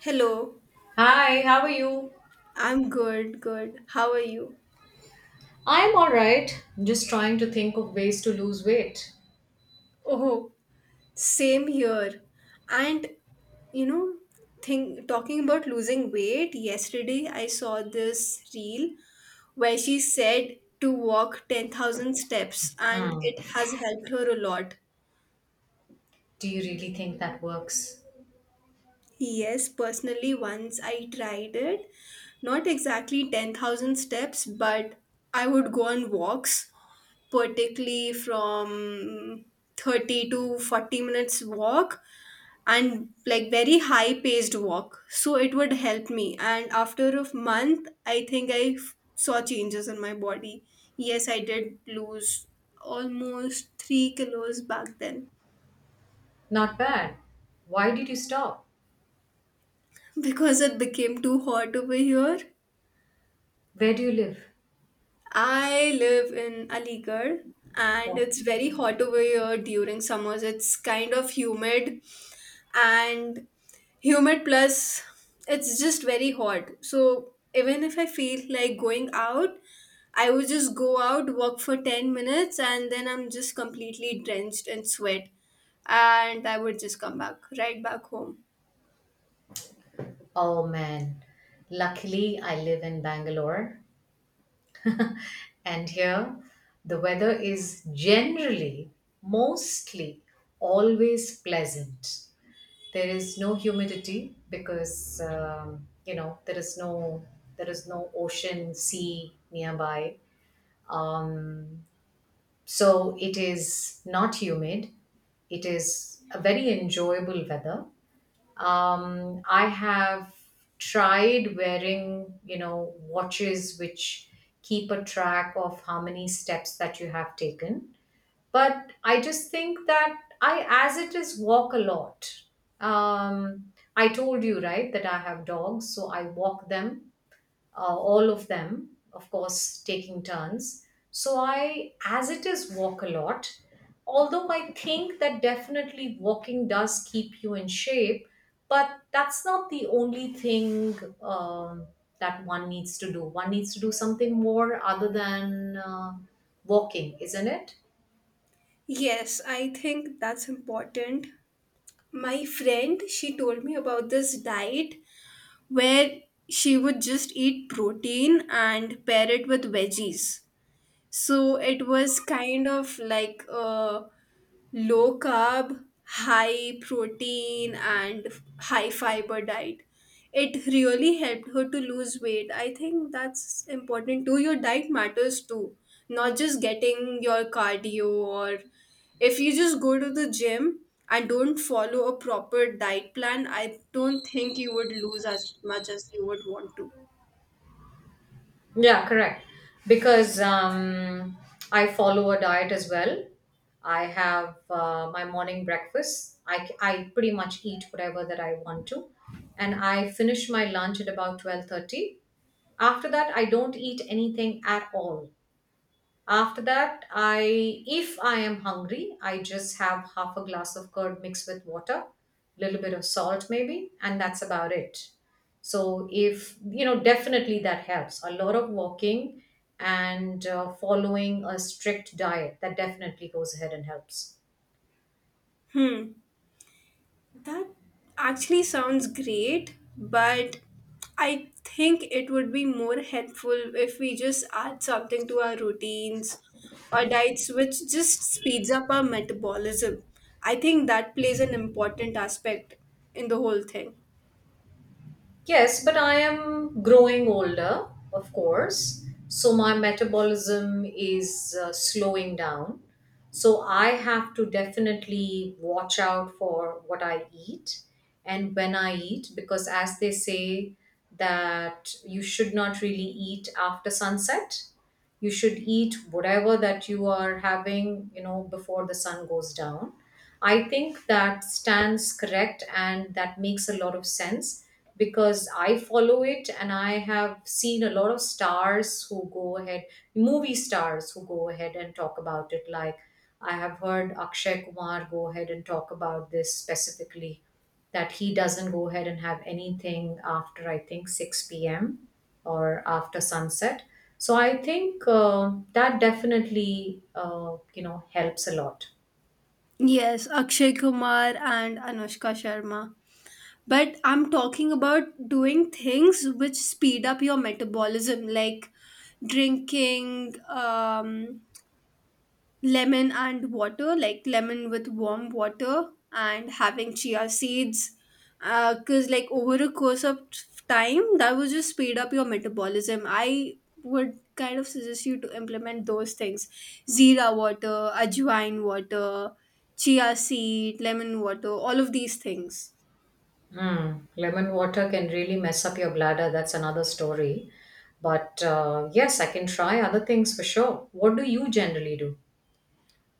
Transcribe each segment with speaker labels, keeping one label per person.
Speaker 1: Hello,
Speaker 2: Hi, how are you?
Speaker 1: I'm good, good. How are you?
Speaker 2: I'm all right. Just trying to think of ways to lose weight.
Speaker 1: Oh, same here. And you know, think talking about losing weight, yesterday I saw this reel where she said to walk 10,000 steps and
Speaker 2: Hmm.
Speaker 1: it has helped her a lot.
Speaker 2: Do you really think that works?
Speaker 1: Yes, personally, once I tried it, not exactly 10,000 steps, but I would go on walks particularly from 30 to 40 minutes walk and like very high paced walk so it would help me and after a month I think saw changes in my body. Yes, I did lose almost 3 kilos back then.
Speaker 2: Not bad. Why did you stop?
Speaker 1: Because it became too hot over here.
Speaker 2: Where do you live?
Speaker 1: I live in aligarh and
Speaker 2: Oh,
Speaker 1: it's very hot over here during summers. It's kind of humid and humid plus it's just very hot, so even if I feel like going out I would just go out walk for 10 minutes and then I'm just completely drenched in sweat and I would just come back right back home.
Speaker 2: oh, man. Luckily, I live in Bangalore, and here the weather is generally, mostly, always pleasant. There is no humidity because you know there is no ocean sea nearby, um, so it is not humid. It is a very enjoyable weather. I have tried wearing watches which keep a track of how many steps that you have taken. But I just think that I as it is walk a lot. I told you right that I have dogs so I walk them, all of them of course taking turns, so I as it is walk a lot. Although I think that definitely walking does keep you in shape, but that's not the only thing. um, that one needs to do, one needs to do something more other than walking, isn't it?
Speaker 1: Yes, I think that's important. My friend, she told me about this diet where she would just eat protein and pair it with veggies, so it was kind of like a low carb, high protein, and high fiber diet. It really helped her to lose weight. I think that's important too. Your diet matters too, not just getting your cardio, or if you just go to the gym and don't follow a proper diet plan, I don't think you would lose as much as you would want to.
Speaker 2: Yeah, correct. Because I follow a diet as well. I have my morning breakfast. I pretty much eat whatever that I want to, and I finish my lunch at about 12:30. After that, I don't eat anything at all. After that, I if I am hungry, I just have half a glass of curd mixed with water, little bit of salt maybe, and that's about it. So if you know, definitely that helps. A lot of walking and following a strict diet, that definitely goes ahead and helps.
Speaker 1: Hmm. That actually sounds great, but I think it would be more helpful if we just add something to our routines or diets, which just speeds up our metabolism. I think that plays an important aspect in the whole thing.
Speaker 2: Yes, but I am growing older, of course. So my metabolism is slowing down. So I have to definitely watch out for what I eat and when I eat, because as they say, that you should not really eat after sunset. You should eat whatever that you are having, you know, before the sun goes down. I think that stands correct and that makes a lot of sense, because I follow it and I have seen a lot of stars who go ahead, movie stars who go ahead and talk about it. Like, I have heard Akshay Kumar go ahead and talk about this specifically that he doesn't go ahead and have anything after I think 6 p.m. or after sunset. So I think that definitely helps a lot.
Speaker 1: Yes, Akshay Kumar and Anushka Sharma. But I'm talking about doing things which speed up your metabolism, like drinking, lemon and water, like lemon with warm water, and having chia seeds. Because, like, over a course of time, that would just speed up your metabolism. I would kind of suggest you to implement those things, zira water, ajwain water, chia seed, lemon water, all of these things.
Speaker 2: Mm, lemon water can really mess up your bladder. That's another story. But yes, I can try other things for sure. What do you generally do?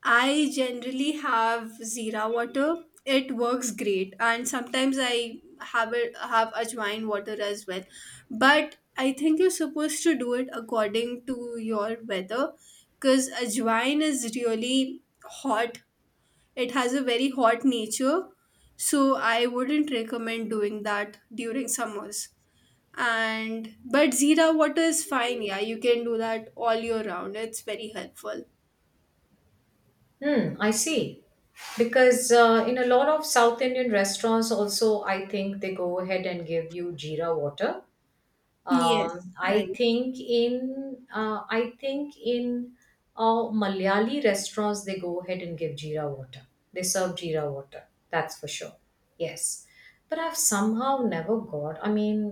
Speaker 1: I generally have Zira water. It works great, and sometimes I have it have Ajwain water as well. But I think you're supposed to do it according to your weather, because Ajwain is really hot. It has a very hot nature, so I wouldn't recommend doing that during summers. And but Zira water is fine. Yeah, you can do that all year round. It's very helpful.
Speaker 2: Hmm, I see. Because in a lot of South Indian restaurants, also, I think they go ahead and give you jeera water.
Speaker 1: Yes,
Speaker 2: I
Speaker 1: right.
Speaker 2: think in malayali restaurants, they go ahead and give jeera water. They serve jeera water, that's for sure. Yes, but I've somehow never got, I mean,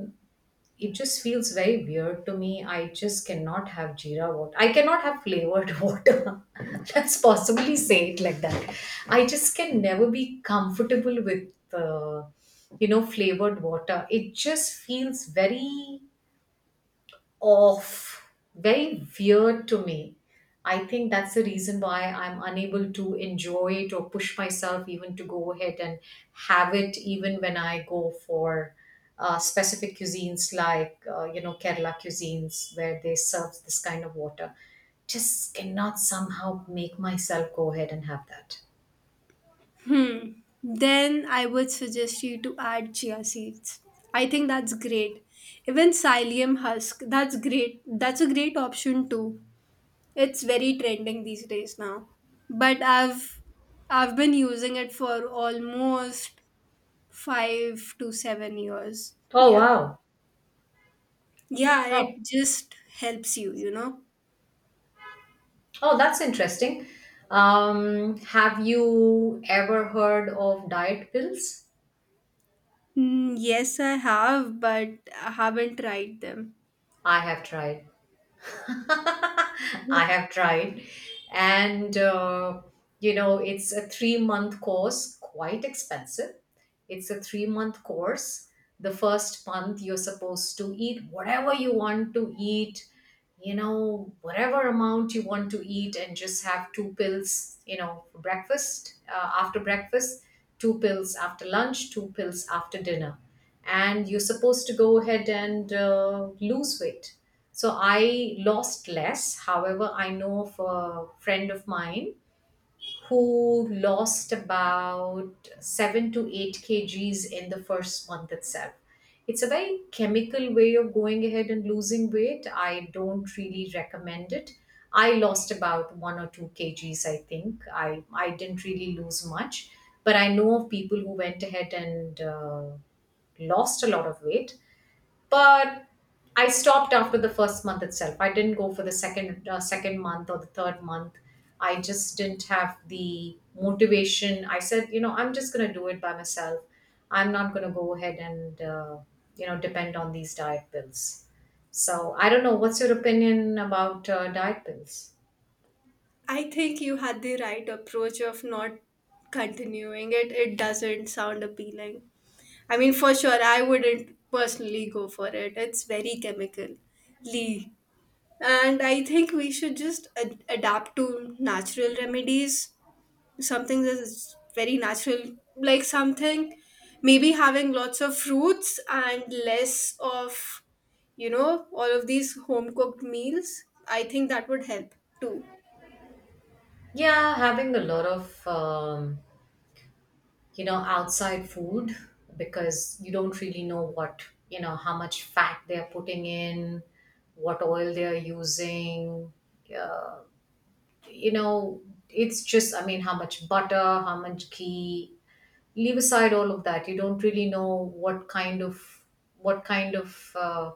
Speaker 2: it just feels very weird to me. I just cannot have jeera water. I cannot have flavored water. Let's possibly say it like that. I just can never be comfortable with uh, flavored water. It just feels very off, very weird to me. I think that's the reason why I'm unable to enjoy it or push myself even to go ahead and have it, even when I go for specific cuisines like, Kerala cuisines where they serve this kind of water. Just cannot somehow make myself go ahead and have that.
Speaker 1: Hmm. Then I would suggest you to add chia seeds. I think that's great. Even psyllium husk, that's great. That's a great option too. It's very trending these days now. But I've been using it for almost 5 to 7 years.
Speaker 2: Oh,
Speaker 1: Yeah.
Speaker 2: wow.
Speaker 1: Yeah,
Speaker 2: Oh,
Speaker 1: it just helps you, you know.
Speaker 2: oh, that's interesting. Have you ever heard of diet pills?
Speaker 1: Mm, yes, I have, but I haven't tried them.
Speaker 2: I have tried. I have tried. And, it's a 3-month course, quite expensive. It's a 3-month course. The first month, you're supposed to eat whatever you want to eat, whatever amount you want to eat, and just have two pills, for breakfast, after breakfast, two pills after lunch, two pills after dinner. And you're supposed to go ahead and lose weight. So I lost less. However, I know of a friend of mine who lost about 7 to 8 kgs in the first month itself. It's a very chemical way of going ahead and losing weight. I don't really recommend it. I lost about 1 or 2 kgs, I think. I didn't really lose much, but I know of people who went ahead and lost a lot of weight. But I stopped after the first month itself. I didn't go for the second month or the third month. I just didn't have the motivation. I said, I'm just going to do it by myself. I'm not going to go ahead and depend on these diet pills. So I don't know. What's your opinion about diet pills?
Speaker 1: I think you had the right approach of not continuing it. It doesn't sound appealing. I mean, for sure, I wouldn't personally go for it. It's very chemical. Lee. And I think we should just adapt to natural remedies, something that is very natural, like something maybe having lots of fruits and less of, you know, all of these home cooked meals. I think that would help too.
Speaker 2: Yeah, having a lot of outside food, because you don't really know what, how much fat they are putting in, what oil they are using, uh, you know it's just, I mean, how much butter, how much ghee, leave aside all of that. You don't really know what kind of uh,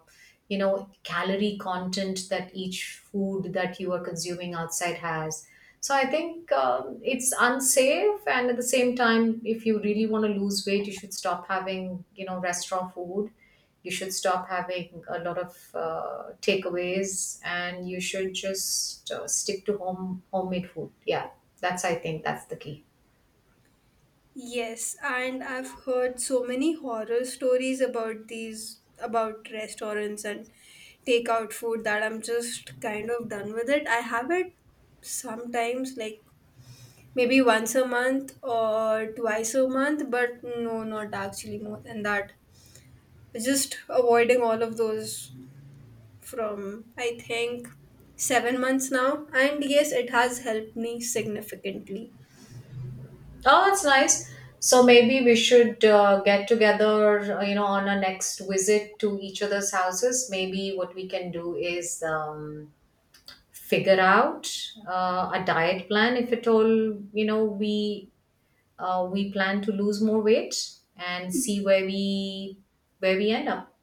Speaker 2: you know calorie content that each food that you are consuming outside has. So I think it's unsafe, and at the same time, if you really want to lose weight, you should stop having restaurant food. You should stop having a lot of takeaways, and you should just stick to homemade food. Yeah, that's, I think, that's the key.
Speaker 1: Yes, and I've heard so many horror stories about these, about restaurants and takeout food, that I'm just kind of done with it. I have it sometimes, like maybe once a month or twice a month, but no, not actually more than that. Just avoiding all of those from, I think, 7 months now. And yes, it has helped me significantly.
Speaker 2: Oh, that's nice. So maybe we should get together, on our next visit to each other's houses. Maybe what we can do is figure out a diet plan. If at all, we plan to lose more weight and see where we end up.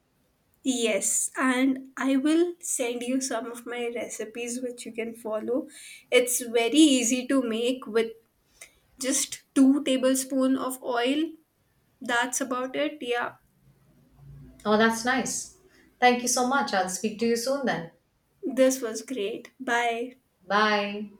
Speaker 1: Yes, and I will send you some of my recipes which you can follow. It's very easy to make with just two tablespoon of oil. That's about it. Yeah,
Speaker 2: Oh, that's nice. Thank you so much. I'll speak to you soon then.
Speaker 1: this was great. Bye.
Speaker 2: Bye.